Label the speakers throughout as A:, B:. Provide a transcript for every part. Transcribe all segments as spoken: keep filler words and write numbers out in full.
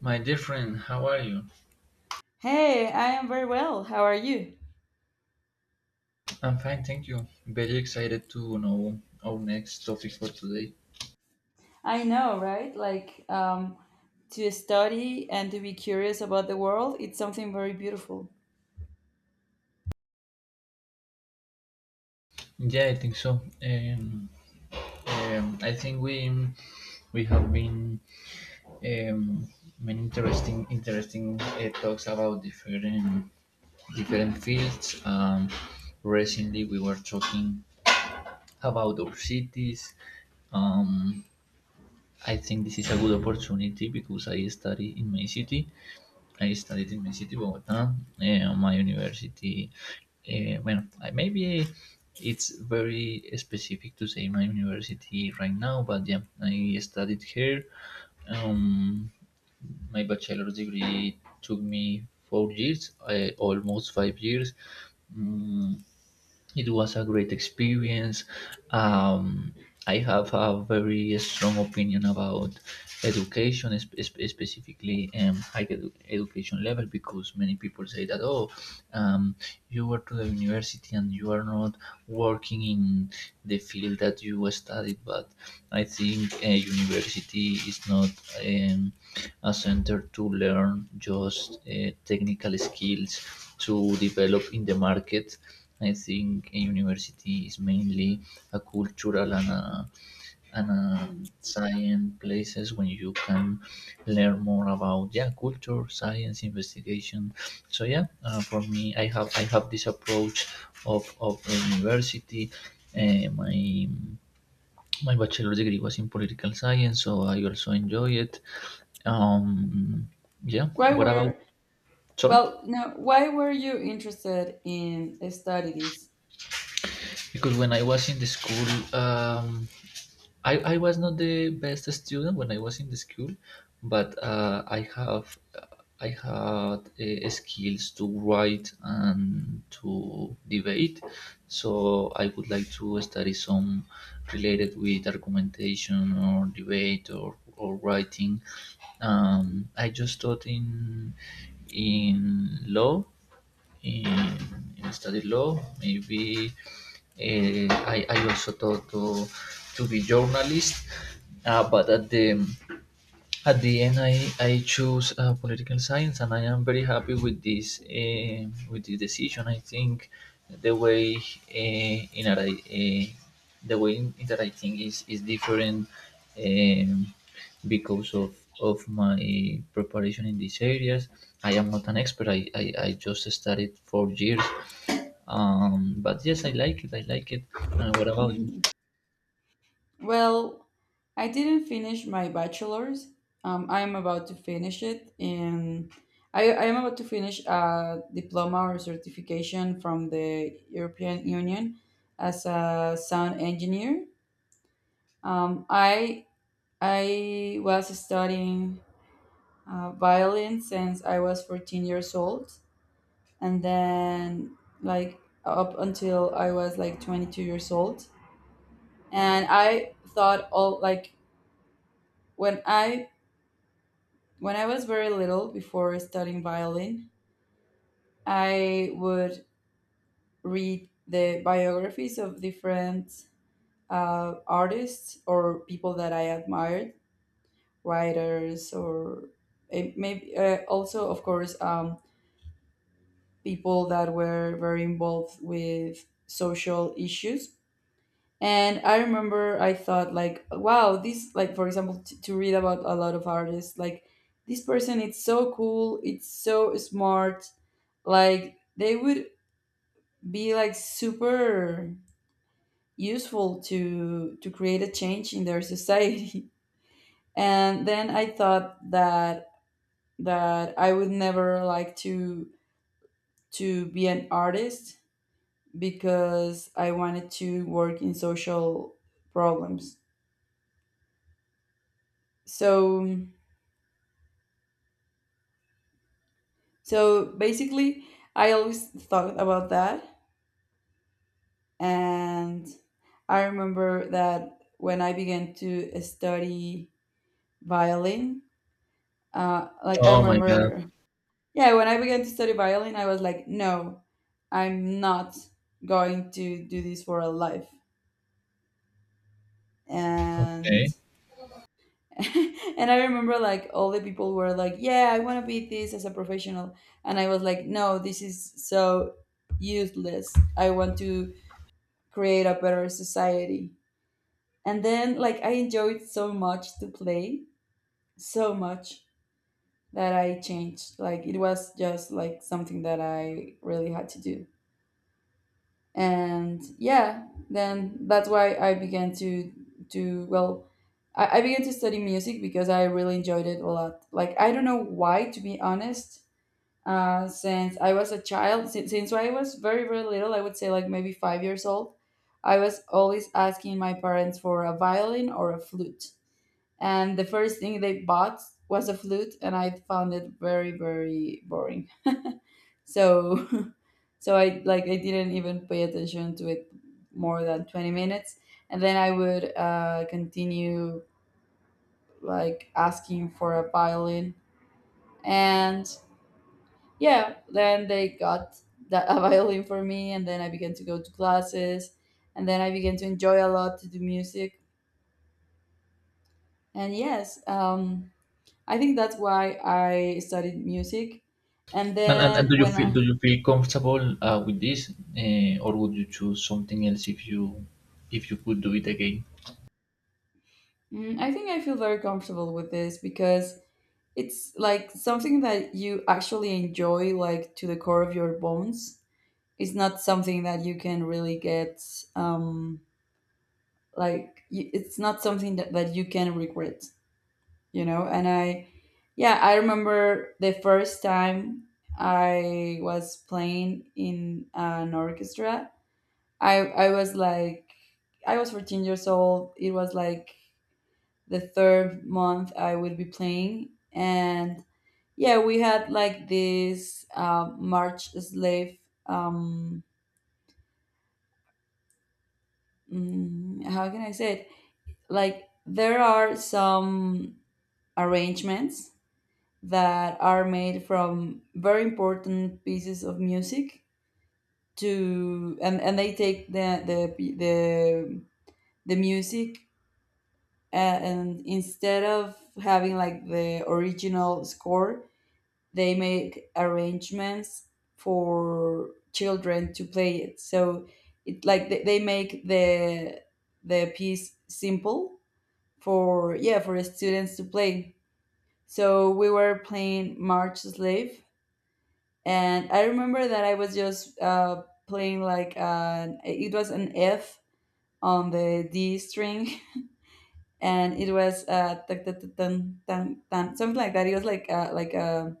A: My dear friend, how are you?
B: Hey, I am very well. How are you?
A: I'm fine, thank you. Very excited to know our next topic for today.
B: I know, right? Like, um, to study and to be curious about the world, it's something very beautiful.
A: Yeah, I think so. Um, um, I think we we have been, um, many interesting interesting uh, talks about different different fields. Um, recently, we were talking about our cities. Um, I think this is a good opportunity because I study in my city, I studied in my city, Bogota, eh, on my university. Eh, well, I- maybe it's very specific to say my university right now, but yeah, I studied here. Um, my bachelor's degree took me four years, uh, almost five years. Mm, it was a great experience. Um, I have a very strong opinion about education, sp- sp- specifically, um, higher edu- education level, because many people say that, oh, um, you were to the university and you are not working in the field that you studied, but I think a university is not, um, a center to learn just uh, technical skills to develop in the market. I think a university is mainly a cultural and a, and a
B: Mm.
A: science places when you can learn more about, yeah, culture, science, investigation. So yeah, uh, for me, I have I have this approach of of a university. Uh, my my bachelor's degree was in political science, so I also enjoy it. Um, yeah.
B: Why
A: What about?
B: were,
A: Sorry,
B: well, no, why were you interested in study this?
A: because when I was in the school, um, I, I was not the best student when I was in the school, but uh, I have I had uh, skills to write and to debate. So I would like to study some related with argumentation or debate or, or writing. Um, I just taught in in law in, in study law. Maybe uh, I, I also thought to, to be journalist, uh, but at the at the end, I, I choose uh, political science, and I am very happy with this eh, with this decision. I think the way uh, in that I uh, the way in that I think is is different, um, because of of my preparation in these areas. I am not an expert. I, I, I just studied four years. Um, but yes, I like it. I like it. And what about you?
B: Well, I didn't finish my bachelor's. Um, I'm about to finish it in, I, I am about to finish a diploma or certification from the European Union as a sound engineer. Um, I I was studying uh, violin since I was fourteen years old, and then like up until I was like twenty-two years old. And I thought all like when I when I was very little before studying violin, I would read the biographies of different uh, artists or people that I admired, writers or eh, maybe uh, also of course. Um, people that were very involved with social issues. And I remember I thought like, wow, this like for example t- to read about a lot of artists like this person it's so cool, it's so smart, like they would be like super useful to to create a change in their society. And then I thought that that I would never like to to be an artist because I wanted to work in social problems. So so basically I always thought about that and I remember that when I began to study violin, uh, like I
A: Oh my God.
B: remember, yeah, when I began to study violin, I was like, no, I'm not going to do this for a life. And
A: Okay.
B: and I remember like all the people were like, "Yeah, I want to be this as a professional," and I was like, "No, this is so useless. I want to create a better society." And then like I enjoyed so much to play, so much that I changed. Like it was just like something that I really had to do. And yeah then that's why I began to to well I, I began to study music because I really enjoyed it a lot like I don't know why to be honest. Uh, since I was a child since, since I was very very little I would say like maybe five years old. I was always asking my parents for a violin or a flute, and the first thing they bought was a flute, and I found it very very boring, so so I like I didn't even pay attention to it more than twenty minutes, and then I would uh, continue like asking for a violin, and yeah then they got that a violin for me, and then I began to go to classes, and then I began to enjoy a lot to do music. And yes um, I think that's why I studied music and
A: And, and, and
B: then
A: do you
B: when
A: feel
B: i.
A: do you feel comfortable uh, with this, uh, or would you choose something else if you if you could do it again?
B: Mm, I think I feel very comfortable with this because it's like something that you actually enjoy, like to the core of your bones. It's not something that you can really get, um, like, y- it's not something that, that you can regret, you know? And I, yeah, I remember the first time I was playing in an orchestra. I, I was like, I was fourteen years old. It was like the third month I would be playing. And yeah, we had like this uh, March slave. Um, mm, how can I say it? Like there are some arrangements that are made from very important pieces of music to and, and they take the the p- the, the music, and, and instead of having like the original score, they make arrangements for children to play it, so it like they, they make the the piece simple for yeah for students to play. So we were playing march slave, and I remember that I was just uh, playing like an it was an f on the d string and it was uh tan, tan, tan, tan, tan, something like that. It was like uh, like a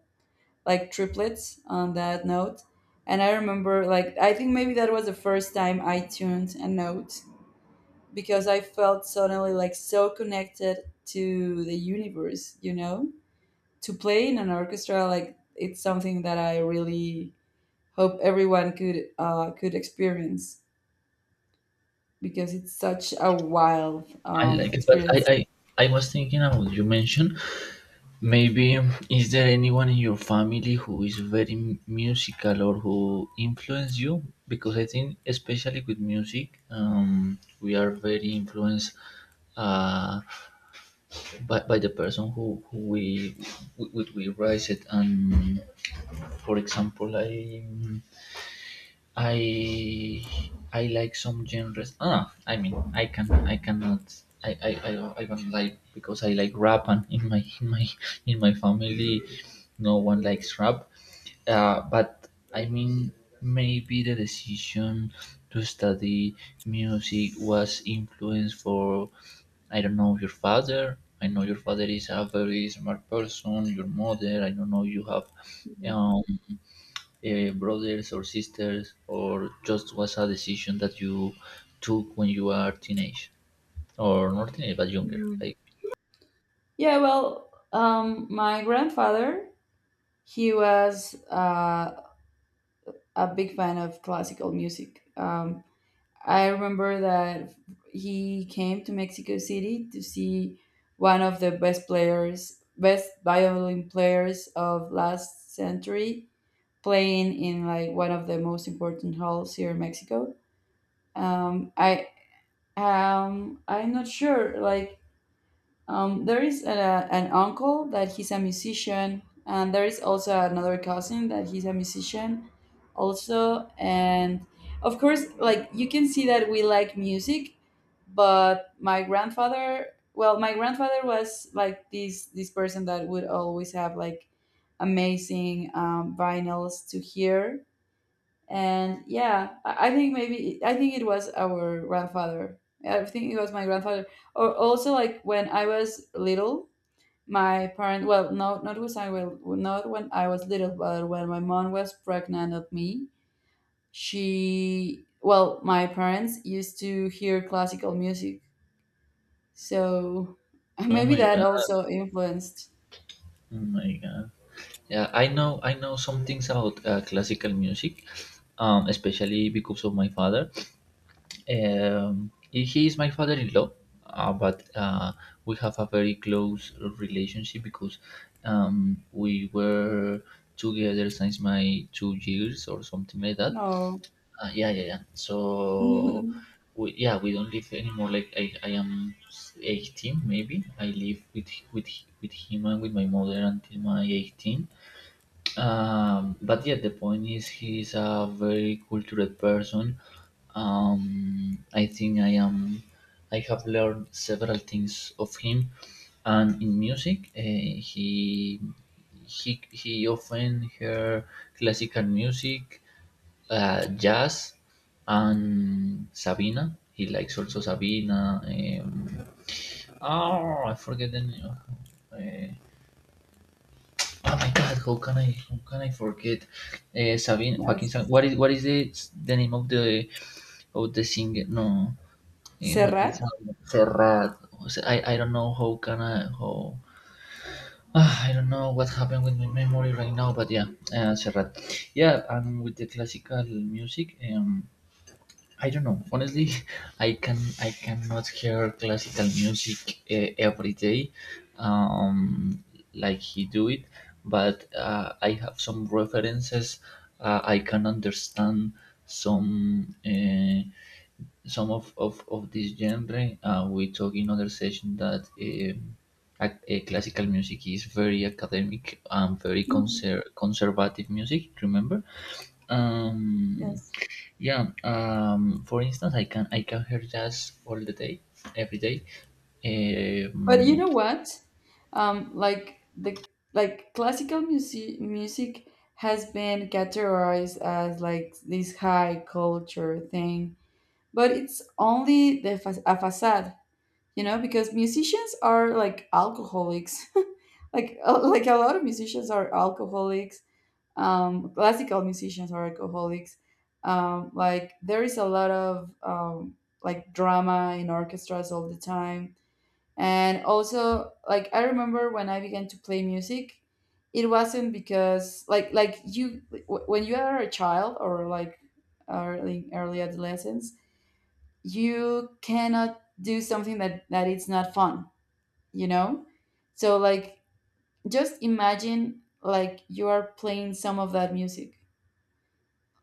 B: like triplets on that note. And I remember, like, I think maybe that was the first time I tuned a note because I felt suddenly like so connected to the universe, you know? To play in an orchestra, like, it's something that I really hope everyone could uh, could experience because it's such a wild
A: I
B: um,
A: like it, but I,
B: experience.
A: I I was thinking about you mentioned maybe, um, is there anyone in your family who is very m- musical or who influenced you? Because I think especially with music, um, we are very influenced uh, by, by the person who, who, we, we we we raise it, and for example I I I like some genres. Ah, I mean, I can I cannot, I I I, I don't like, because I like rap, and in my in my in my family, no one likes rap. Uh, but I mean, maybe the decision to study music was influenced for, I don't know, your father. I know your father is a very smart person. Your mother, I don't know, you have,
B: Mhm.
A: um, uh, brothers or sisters, or just was a decision that you took when you are teenage, or not teenage but younger?
B: Mhm.
A: Like,
B: Yeah, well, um, my grandfather, he was uh, a big fan of classical music. Um, I remember that he came to Mexico City to see one of the best players, best violin players of last century, playing in like one of the most important halls here in Mexico. Um, I um, I'm not sure, like um, there is a, an uncle that he's a musician, and there is also another cousin that he's a musician, also. And of course, like you can see that we like music. But my grandfather, well, my grandfather was like this this person that would always have like amazing um, vinyls to hear. And yeah I I think maybe i think it was our grandfather I think it was my grandfather. Or also like when I was little, my parent well no not was I well not when I was little but when my mom was pregnant of me, she well my parents used to hear classical music, so
A: oh
B: maybe
A: my
B: that
A: God,
B: also influenced.
A: oh my God. Yeah, I know, I know some things about uh, classical music, um, especially because of my father. Um, he he is my father-in-law, uh, but uh, we have a very close relationship because, um, we were together since my two years or something like that.
B: No.
A: Uh, yeah, yeah, yeah. So, we, yeah, we don't live anymore. Like I, I am eighteen, maybe. I live with with with him and with my mother until my eighteen. Um, but yeah, the point is, he's a very cultured person. Um, I think I am. I have learned several things of him, and in music, uh, he he he often hear classical music, uh, jazz, and Sabina. He likes also Sabina. Um, oh, I forget the name. Uh, oh my God! How can I? How can I forget? Uh, Sabina
B: Yes.
A: Joaquin. Sabina. What is what is the the name of the of the singer? No, uh, Joaquin
B: Serrat?
A: Sabina. Ferrar. I I don't know how can I how. Ah, I don't know what happened with my memory right now, but yeah, uh, Serrat. Yeah, and with the classical music, um, I don't know. Honestly, I can I cannot hear classical music uh, every day, um, like he do it. But uh, I have some references. Uh, I can understand some uh, some of, of, of this genre. Uh, we talk in other session that, um, ac- uh, classical music is very academic and very
B: Mhm.
A: conser- conservative music. Remember. Um,
B: Yes.
A: yeah, um, for instance, I can I can hear jazz all the day, every day.
B: But you
A: Um,
B: know what? Um, like the like classical music music has been categorized as like this high culture thing, but it's only the fa- a facade, you know, because musicians are like alcoholics. Like uh, like a lot of musicians are alcoholics. Um, classical musicians are alcoholics. Um, like there is a lot of um, like drama in orchestras all the time. And also, like I remember when I began to play music, it wasn't because like like you wh- when you are a child or like early early adolescence, you cannot do something that that it's not fun, you know? So like just imagine like you are playing some of that music,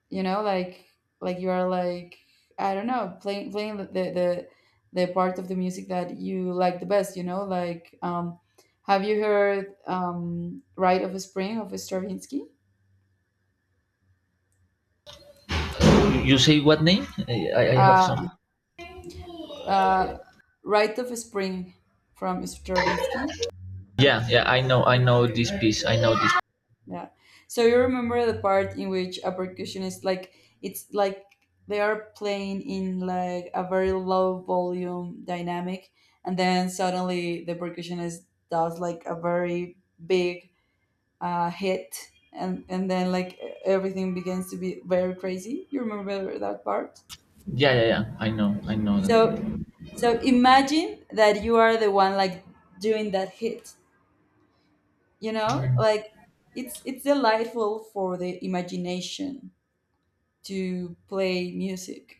B: you know, like like you are like I don't know playing playing the the the the part of the music that you like the best, you know, like um have you heard um rite of spring of stravinsky,
A: you say what name? I, I have some.
B: uh uh rite of spring from stravinsky.
A: Yeah, yeah, I know, I know this piece. I know this.
B: Yeah. So you remember the part in which a percussionist like it's like they are playing in like a very low volume dynamic, and then suddenly the percussionist does like a very big uh, hit, and and then like e-, everything begins to be very crazy. You remember that part?
A: Yeah, yeah, yeah. I know, I know
B: So
A: that.
B: so imagine that you are the one like doing that hit, you know? Like it's it's delightful for the imagination to play music,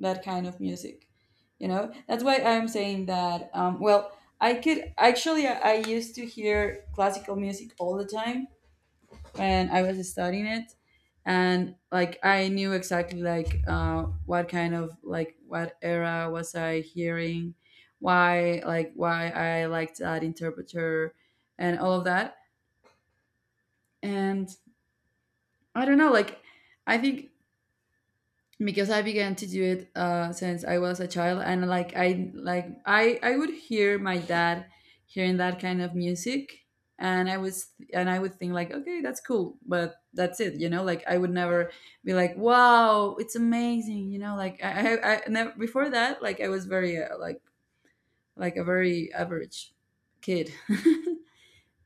B: that kind of music. You know, that's why I'm saying that. Um, well, I could actually, I I used to hear classical music all the time when I was studying it, and like I knew exactly like uh, what kind of like what era was I hearing, why like why I liked that interpreter, and all of that. And I don't know, like I think because I began to do it uh, since I was a child, and like I like I I would hear my dad hearing that kind of music, and I was and I would think like, okay, that's cool, but that's it, you know. Like I would never be like, wow, it's amazing, you know. Like I I, I never, before that, like I was very uh, like like a very average kid.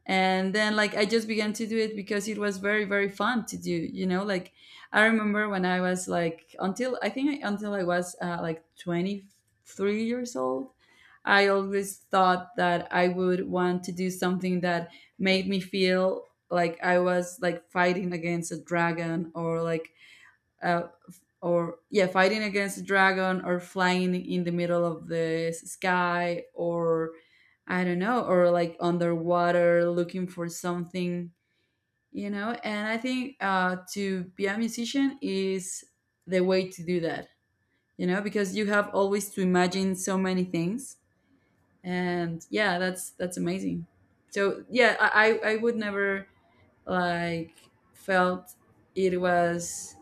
B: And then like I just began to do it because it was very very fun to do, you know, like I remember when I was like until I think I- until I was uh, like twenty-three years old. I always thought that I would want to do something that made me feel like I was like fighting against a dragon or like a, or yeah fighting against a dragon or flying in the middle of the s- sky or I don't know or like underwater looking for something, you know. And I think uh, to be a musician is the way to do that, you know, because you have always to imagine so many things. And yeah that's that's amazing. So yeah i i I would never like felt it was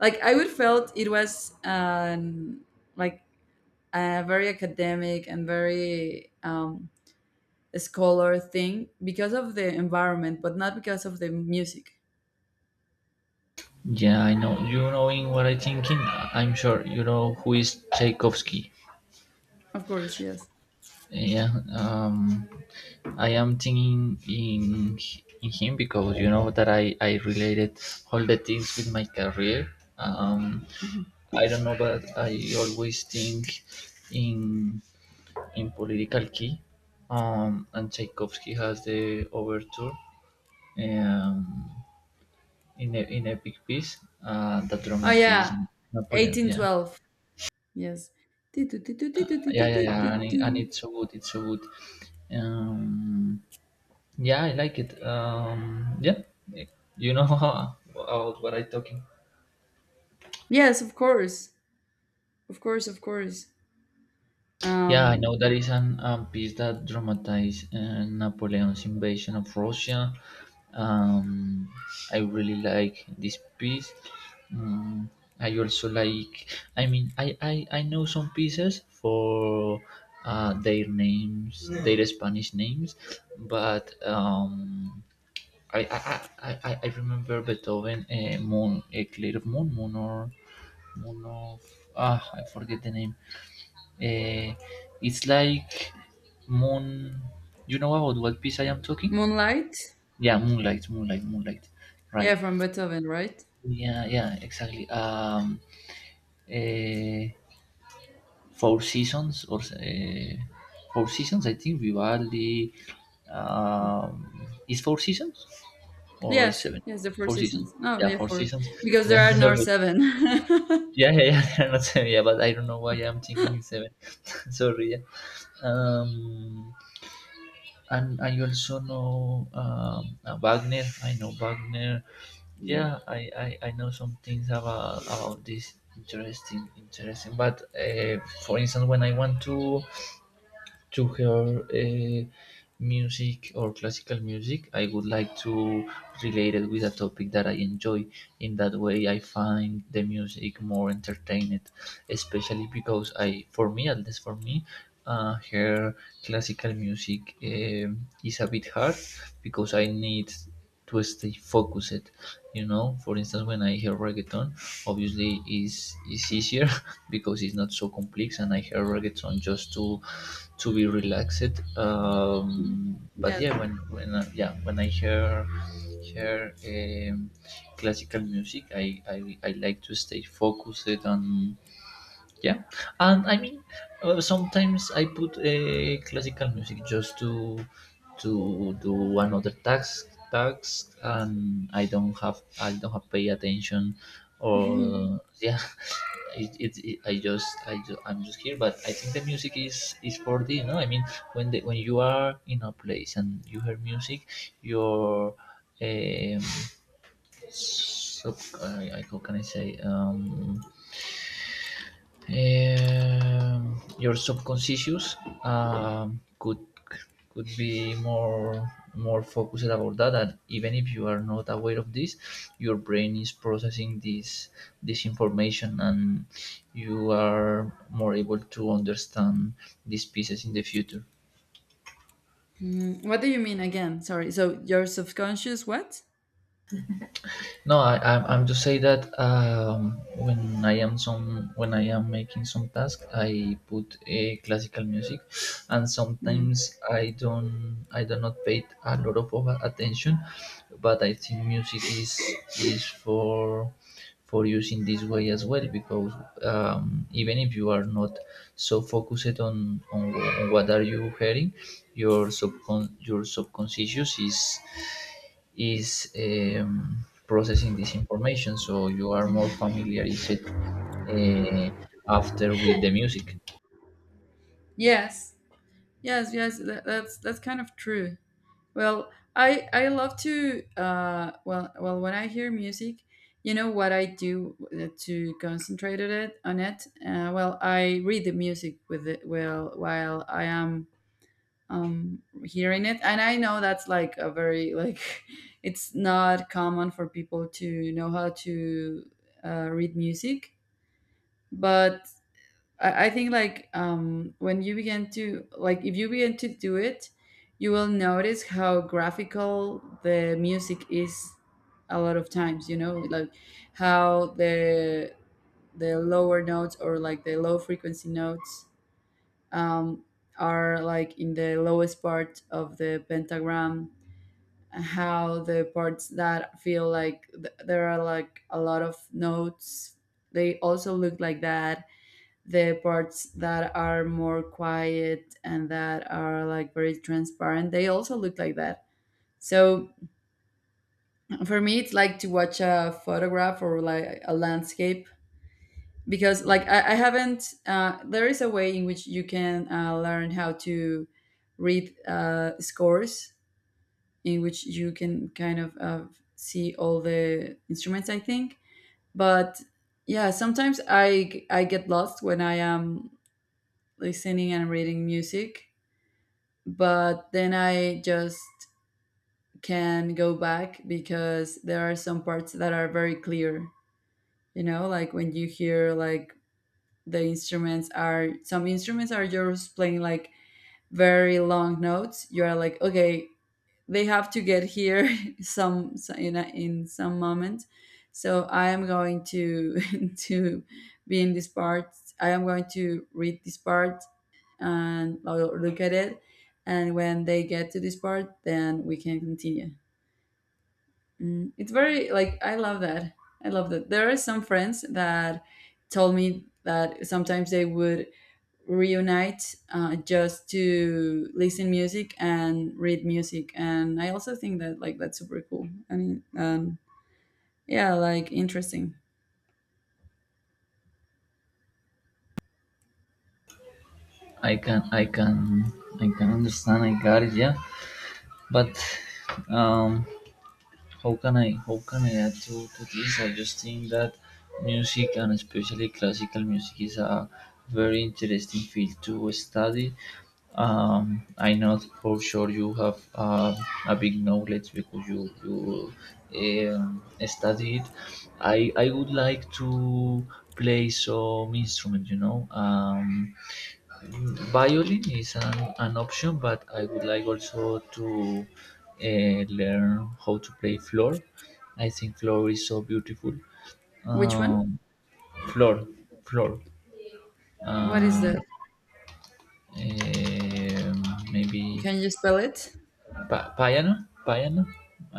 B: like I would felt it was um like a very academic and very um scholar thing because of the environment but not because of the music.
A: Yeah, I know. You knowing what I'm thinking? I'm sure you know who is Tchaikovsky.
B: Of course yes.
A: Yeah, um, I am thinking in in him because you know that I I related all the things with my career. Um,
B: Mhm.
A: I don't know, but I always think in in political key. Um, and Tchaikovsky has the overture, um, in a, in epic piece uh, that
B: Oh
A: dramatized
B: yeah,
A: Napoleon. Yeah,
B: eighteen twelve. Yes.
A: yeah, yeah, yeah. And, it, and it's so good. It's so good. Um, yeah, I like it. Um, yeah, you know about what I'm talking.
B: Yes, of course, of course, of course.
A: Yeah, I
B: Um,
A: know there is an, um, piece that dramatized uh, Napoleon's invasion of Russia. Um, I really like this piece. Mm, I also like. I mean, I I, I know some pieces for uh, their names, their Spanish names, but um, I, I I I I- I remember Beethoven, uh, Moon, a clear moon, moon or moon of, ah, I forget the name, uh, it's like moon. You know about what piece I am talking?
B: moonlight.
A: Yeah, Moonlight, Moonlight, Moonlight.
B: Yeah,
A: Right.
B: from beethoven, right?
A: Yeah, yeah, exactly. Um, eh, Four Seasons or, uh, Four Seasons, I think Vivaldi. Um, is Four Seasons or is
B: Yes,
A: seven?
B: yes, the four
A: Four Seasons.
B: seasons. No,
A: Yeah,
B: yeah,
A: Four
B: four,
A: Seasons.
B: because
A: Yeah,
B: there are no
A: sorry.
B: seven.
A: Yeah, yeah, yeah. Not seven. Yeah, but I don't know why I'm thinking it's seven. Sorry. Yeah. Um, and I also know, um, uh, Wagner. I know Wagner. Yeah, I, I, I know some things about about this interesting interesting. But uh, for instance, when I want to to her uh, music or classical music, I would like to relate it with a topic that I enjoy. In that way, I find the music more entertaining, especially because, I, for me, at least for me, uh, her classical music, um, is a bit hard because I need to stay focused. You know, for instance, when I hear reggaeton obviously is is easier because it's not so complex, and I hear reggaeton on just to to be relaxed.
B: Mm.
A: Um, but
B: Yes.
A: yeah, when when uh, yeah when I hear hear, um, classical music, I, I I like to stay focused, and yeah, and I mean, uh, sometimes I put a classical music just to to do another task task, and i don't have I don't have pay attention,
B: Mhm.
A: or yeah. it, it, it I just I ju- I'm just here, but I think the music is is for the. No, I mean, when the when you are in a place and you hear music, your um sub, I, I how can I say, um um, your subconscious, um, could could be more more focused about that. And even if you are not aware of this, your brain is processing this this information, and you are more able to understand these pieces in the future.
B: Mm, what do you mean again? Sorry. So your subconscious what?
A: No, I, I'm, I'm to say that, um, when I am some when I am making some task, I put a classical music, and
B: Mm.
A: sometimes I don't I do not pay a lot of over attention, but I think music is is for for using this way as well because, um, even if you are not so focused on, on on what are you hearing, your subcon your subconscious is is, um, processing this information. So you are more familiarized uh, after with the music.
B: Yes. Yes, yes, that, that's that's kind of true. Well, I I love to uh well well when I hear music, you know what I do uh, to concentrate on it on it. Uh, well, I read the music with it well while I am um hearing it, and I know that's like a very like it's not common for people to know how to uh, read music, but I, I think like um when you begin to like if you begin to do it, you will notice how graphical the music is a lot of times, you know, like how the the lower notes or like the low frequency notes um, are like in the lowest part of the pentagram, how the parts that feel like th- there are like a lot of notes, they also look like that. The parts that are more quiet and that are like very transparent, they also look like that. So for me it's like to watch a photograph or like a landscape, because like i, I haven't uh, there is a way in which you can uh, learn how to read uh, scores, in which you can kind of uh, see all the instruments, I think. But yeah, sometimes i i get lost when I am listening and reading music, but then I just can go back because there are some parts that are very clear. You know, like when you hear like the instruments are some instruments are just playing like very long notes, you are like, okay, they have to get here some so- in, a, in some moment. So I am going to to be in this part, I am going to read this part, and I'll look at it, and when they get to this part then we can continue. Mm, it's very like I love that. I love that there are some friends that told me that sometimes they would reunite uh, just to listen music and read music, and I also think that like that's super cool. I mean, um, yeah, like interesting.
A: I can, I can, I can understand. I got it. Yeah, but, um, how can I? How can I add to, to this? I just think that music and especially classical music is a very interesting field to study. Um, I know for sure you have, um, a big knowledge because you you um, studied. I I would like to play some instrument. You know, um, violin is an, an option, but I would like also to uh, learn how to play floor. I think floor is so beautiful.
B: Which one?
A: Um, Floor, floor.
B: What is
A: Uh,
B: that?
A: um, Maybe
B: Can you spell it?
A: pa- piano, piano.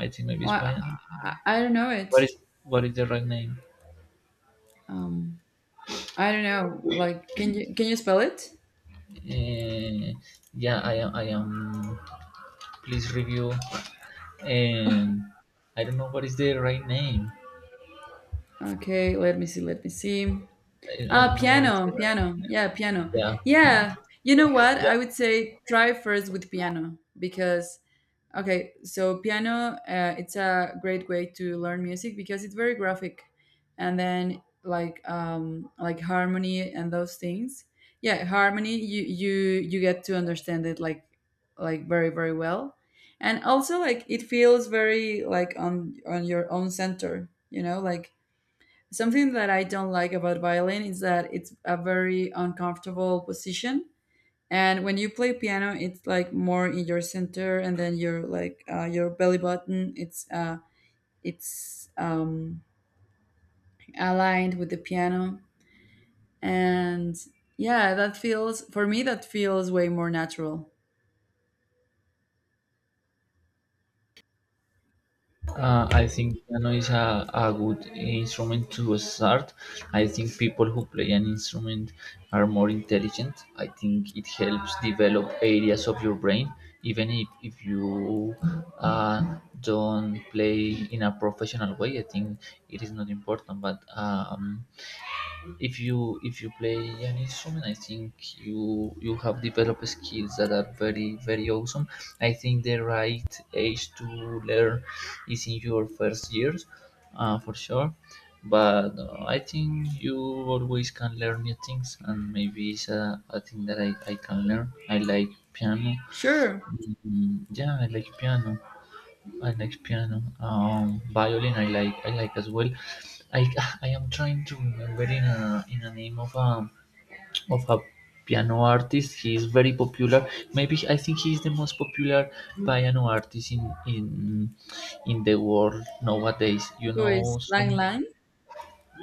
A: I think maybe it's
B: Well,
A: piano.
B: I I don't know
A: What
B: it.
A: is what is the right name?
B: Um, I don't know, like, can you can you spell it?
A: Uh, yeah, I am. I am. Please review. And I don't know what is the right name.
B: Okay, let me see, let me see.
A: I, I
B: Ah,
A: don't know what is the
B: piano,
A: right.
B: piano, yeah, piano.
A: Yeah, and-
B: Yeah, you know what, I
A: yeah.
B: would say try first with piano, because okay, so piano, uh, it's a great way to learn music because it's very graphic, and then like um, like harmony and those things. Yeah, harmony, you you you get to understand it like like very very well, and also like it feels very like on on your own center. You know, like something that I don't like about violin is that it's a very uncomfortable position, and when you play piano, it's like more in your center, and then your like uh, your belly button, it's uh, it's um, aligned with the piano, and yeah, that feels, for me that feels way more natural.
A: Uh, I think piano is a, a good instrument to start. I think people who play an instrument are more intelligent. I think it helps develop areas of your brain, even if, if you uh, don't play in a professional way. I think it is not important, but, um, if you if you play an instrument, I think you you have developed skills that are very very awesome. I think the right age to learn is in your first years, uh, for sure. But uh, I think you always can learn new things, and maybe it's a, a thing that I, I can learn. I like piano.
B: Sure,
A: Mm, yeah, I like piano. I like piano, um, violin. I like I like as well. I I am trying to remember in a, in a name of a, of a piano artist. He is very popular. Maybe I think he is the most popular piano artist in in in the world nowadays. You
B: who
A: know
B: is
A: some.
B: Lang Lang?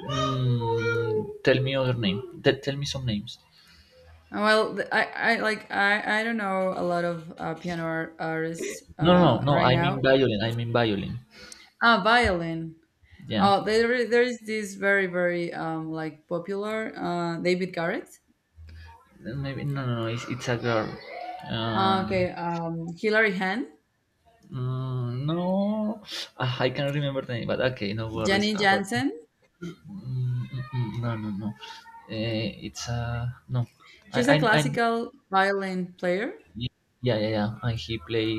A: Mm, tell me other name. Te- tell me some names.
B: Well, th- I, I like I, I don't know a lot of uh, piano ar- artists
A: No, no,
B: uh,
A: no.
B: right
A: I
B: now.
A: mean violin. I mean violin.
B: Ah, violin.
A: Yeah.
B: Oh, there there is this very very um like popular, uh, David Garrett.
A: Maybe no, no, no. It's, it's a girl.
B: Uh,
A: Um,
B: okay, um, Hilary Hahn,
A: Mm, no, ah, I can't remember the name, but okay, no worries.
B: Jenny
A: Ah, but
B: Jansen.
A: mm, mm, mm, no, no, no. Eh, it's uh no. I,
B: She's a
A: I, I
B: classical violin player.
A: Yeah, yeah, yeah. And he play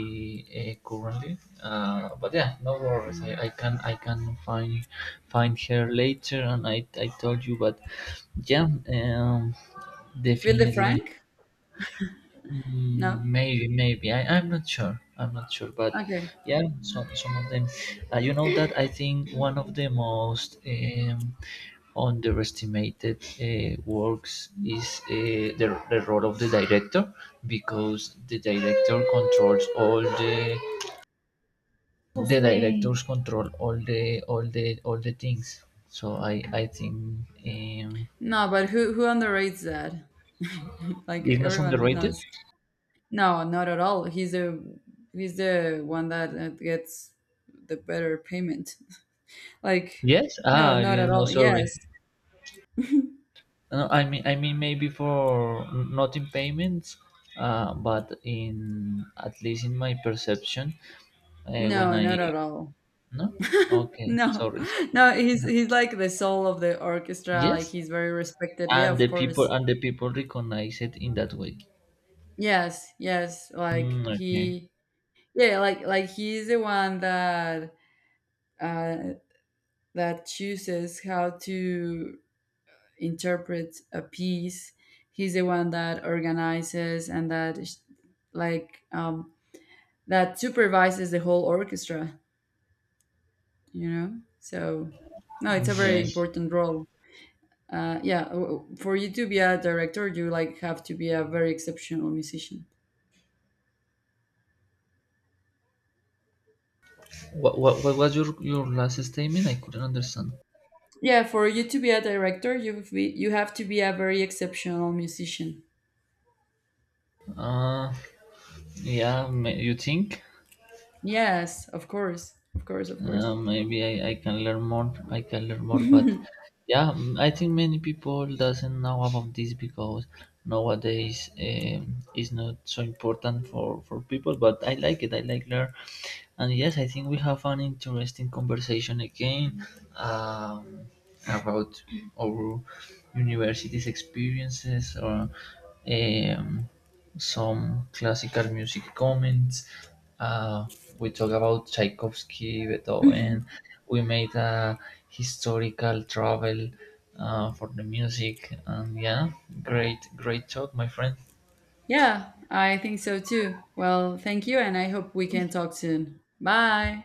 A: uh, currently. Uh, but yeah, no worries. I,
B: Mm.
A: I can, I can find find her later, and I, I told you, but yeah, um,
B: Wilde
A: definitely.
B: Frank?
A: Mm,
B: No.
A: Maybe, maybe. I, I'm not sure. I'm not sure, but
B: Okay.
A: yeah, some some of them. Uh, you know that I think one of the most, um, underestimated uh, works is uh, the the role of the director, because the director controls all the the directors control all the all the all the things. So I I think, um,
B: No, but who who underrates that? Like
A: it's not
B: everyone
A: underrated.
B: knows. No, not at all. He's the he's the one that, uh, gets the better payment. Like,
A: Yes.
B: no,
A: Ah, I
B: not at
A: didn't know.
B: all.
A: Sorry.
B: Yes.
A: No, I mean, I mean, maybe for not in payments, uh, but in at least in my perception, uh, when
B: No,
A: I
B: not at all.
A: no, okay,
B: No,
A: sorry, sorry,
B: no, he's he's like the soul of the orchestra. Like
A: yes,
B: he's very respected. Yeah,
A: and
B: of
A: the
B: course.
A: people and the people recognize it in that way.
B: Yes, yes. Like
A: Mm, okay,
B: he, yeah, like like he's the one that uh, that chooses how to interpret a piece. He's the one that organizes and that is- like um, that supervises the whole orchestra. You know, so no, it's a very
A: yes.
B: important role. Uh, yeah, w- w- for you to be a director, you like have to be a very exceptional musician.
A: What, what what was your your last statement? I couldn't understand.
B: Yeah, for you to be a director, you be, you have to be a very exceptional musician.
A: Uh, yeah, ma- you think?
B: Yes, of course, of course, of course.
A: Uh, maybe I, I can learn more. I can learn more, but
B: Yeah,
A: yeah, mm, I think many people doesn't know about this because nowadays, um, it's not so important for for people. But I like it. I like learn, and yes, I think we have an interesting conversation again, um, about our university's experiences or, um, some classical music comments. Uh, we talk about Tchaikovsky, Beethoven. We made a historical travel uh, for the music, and yeah, great, great talk, my friend.
B: I think so too. Well, thank you, and I hope we can talk soon. Bye.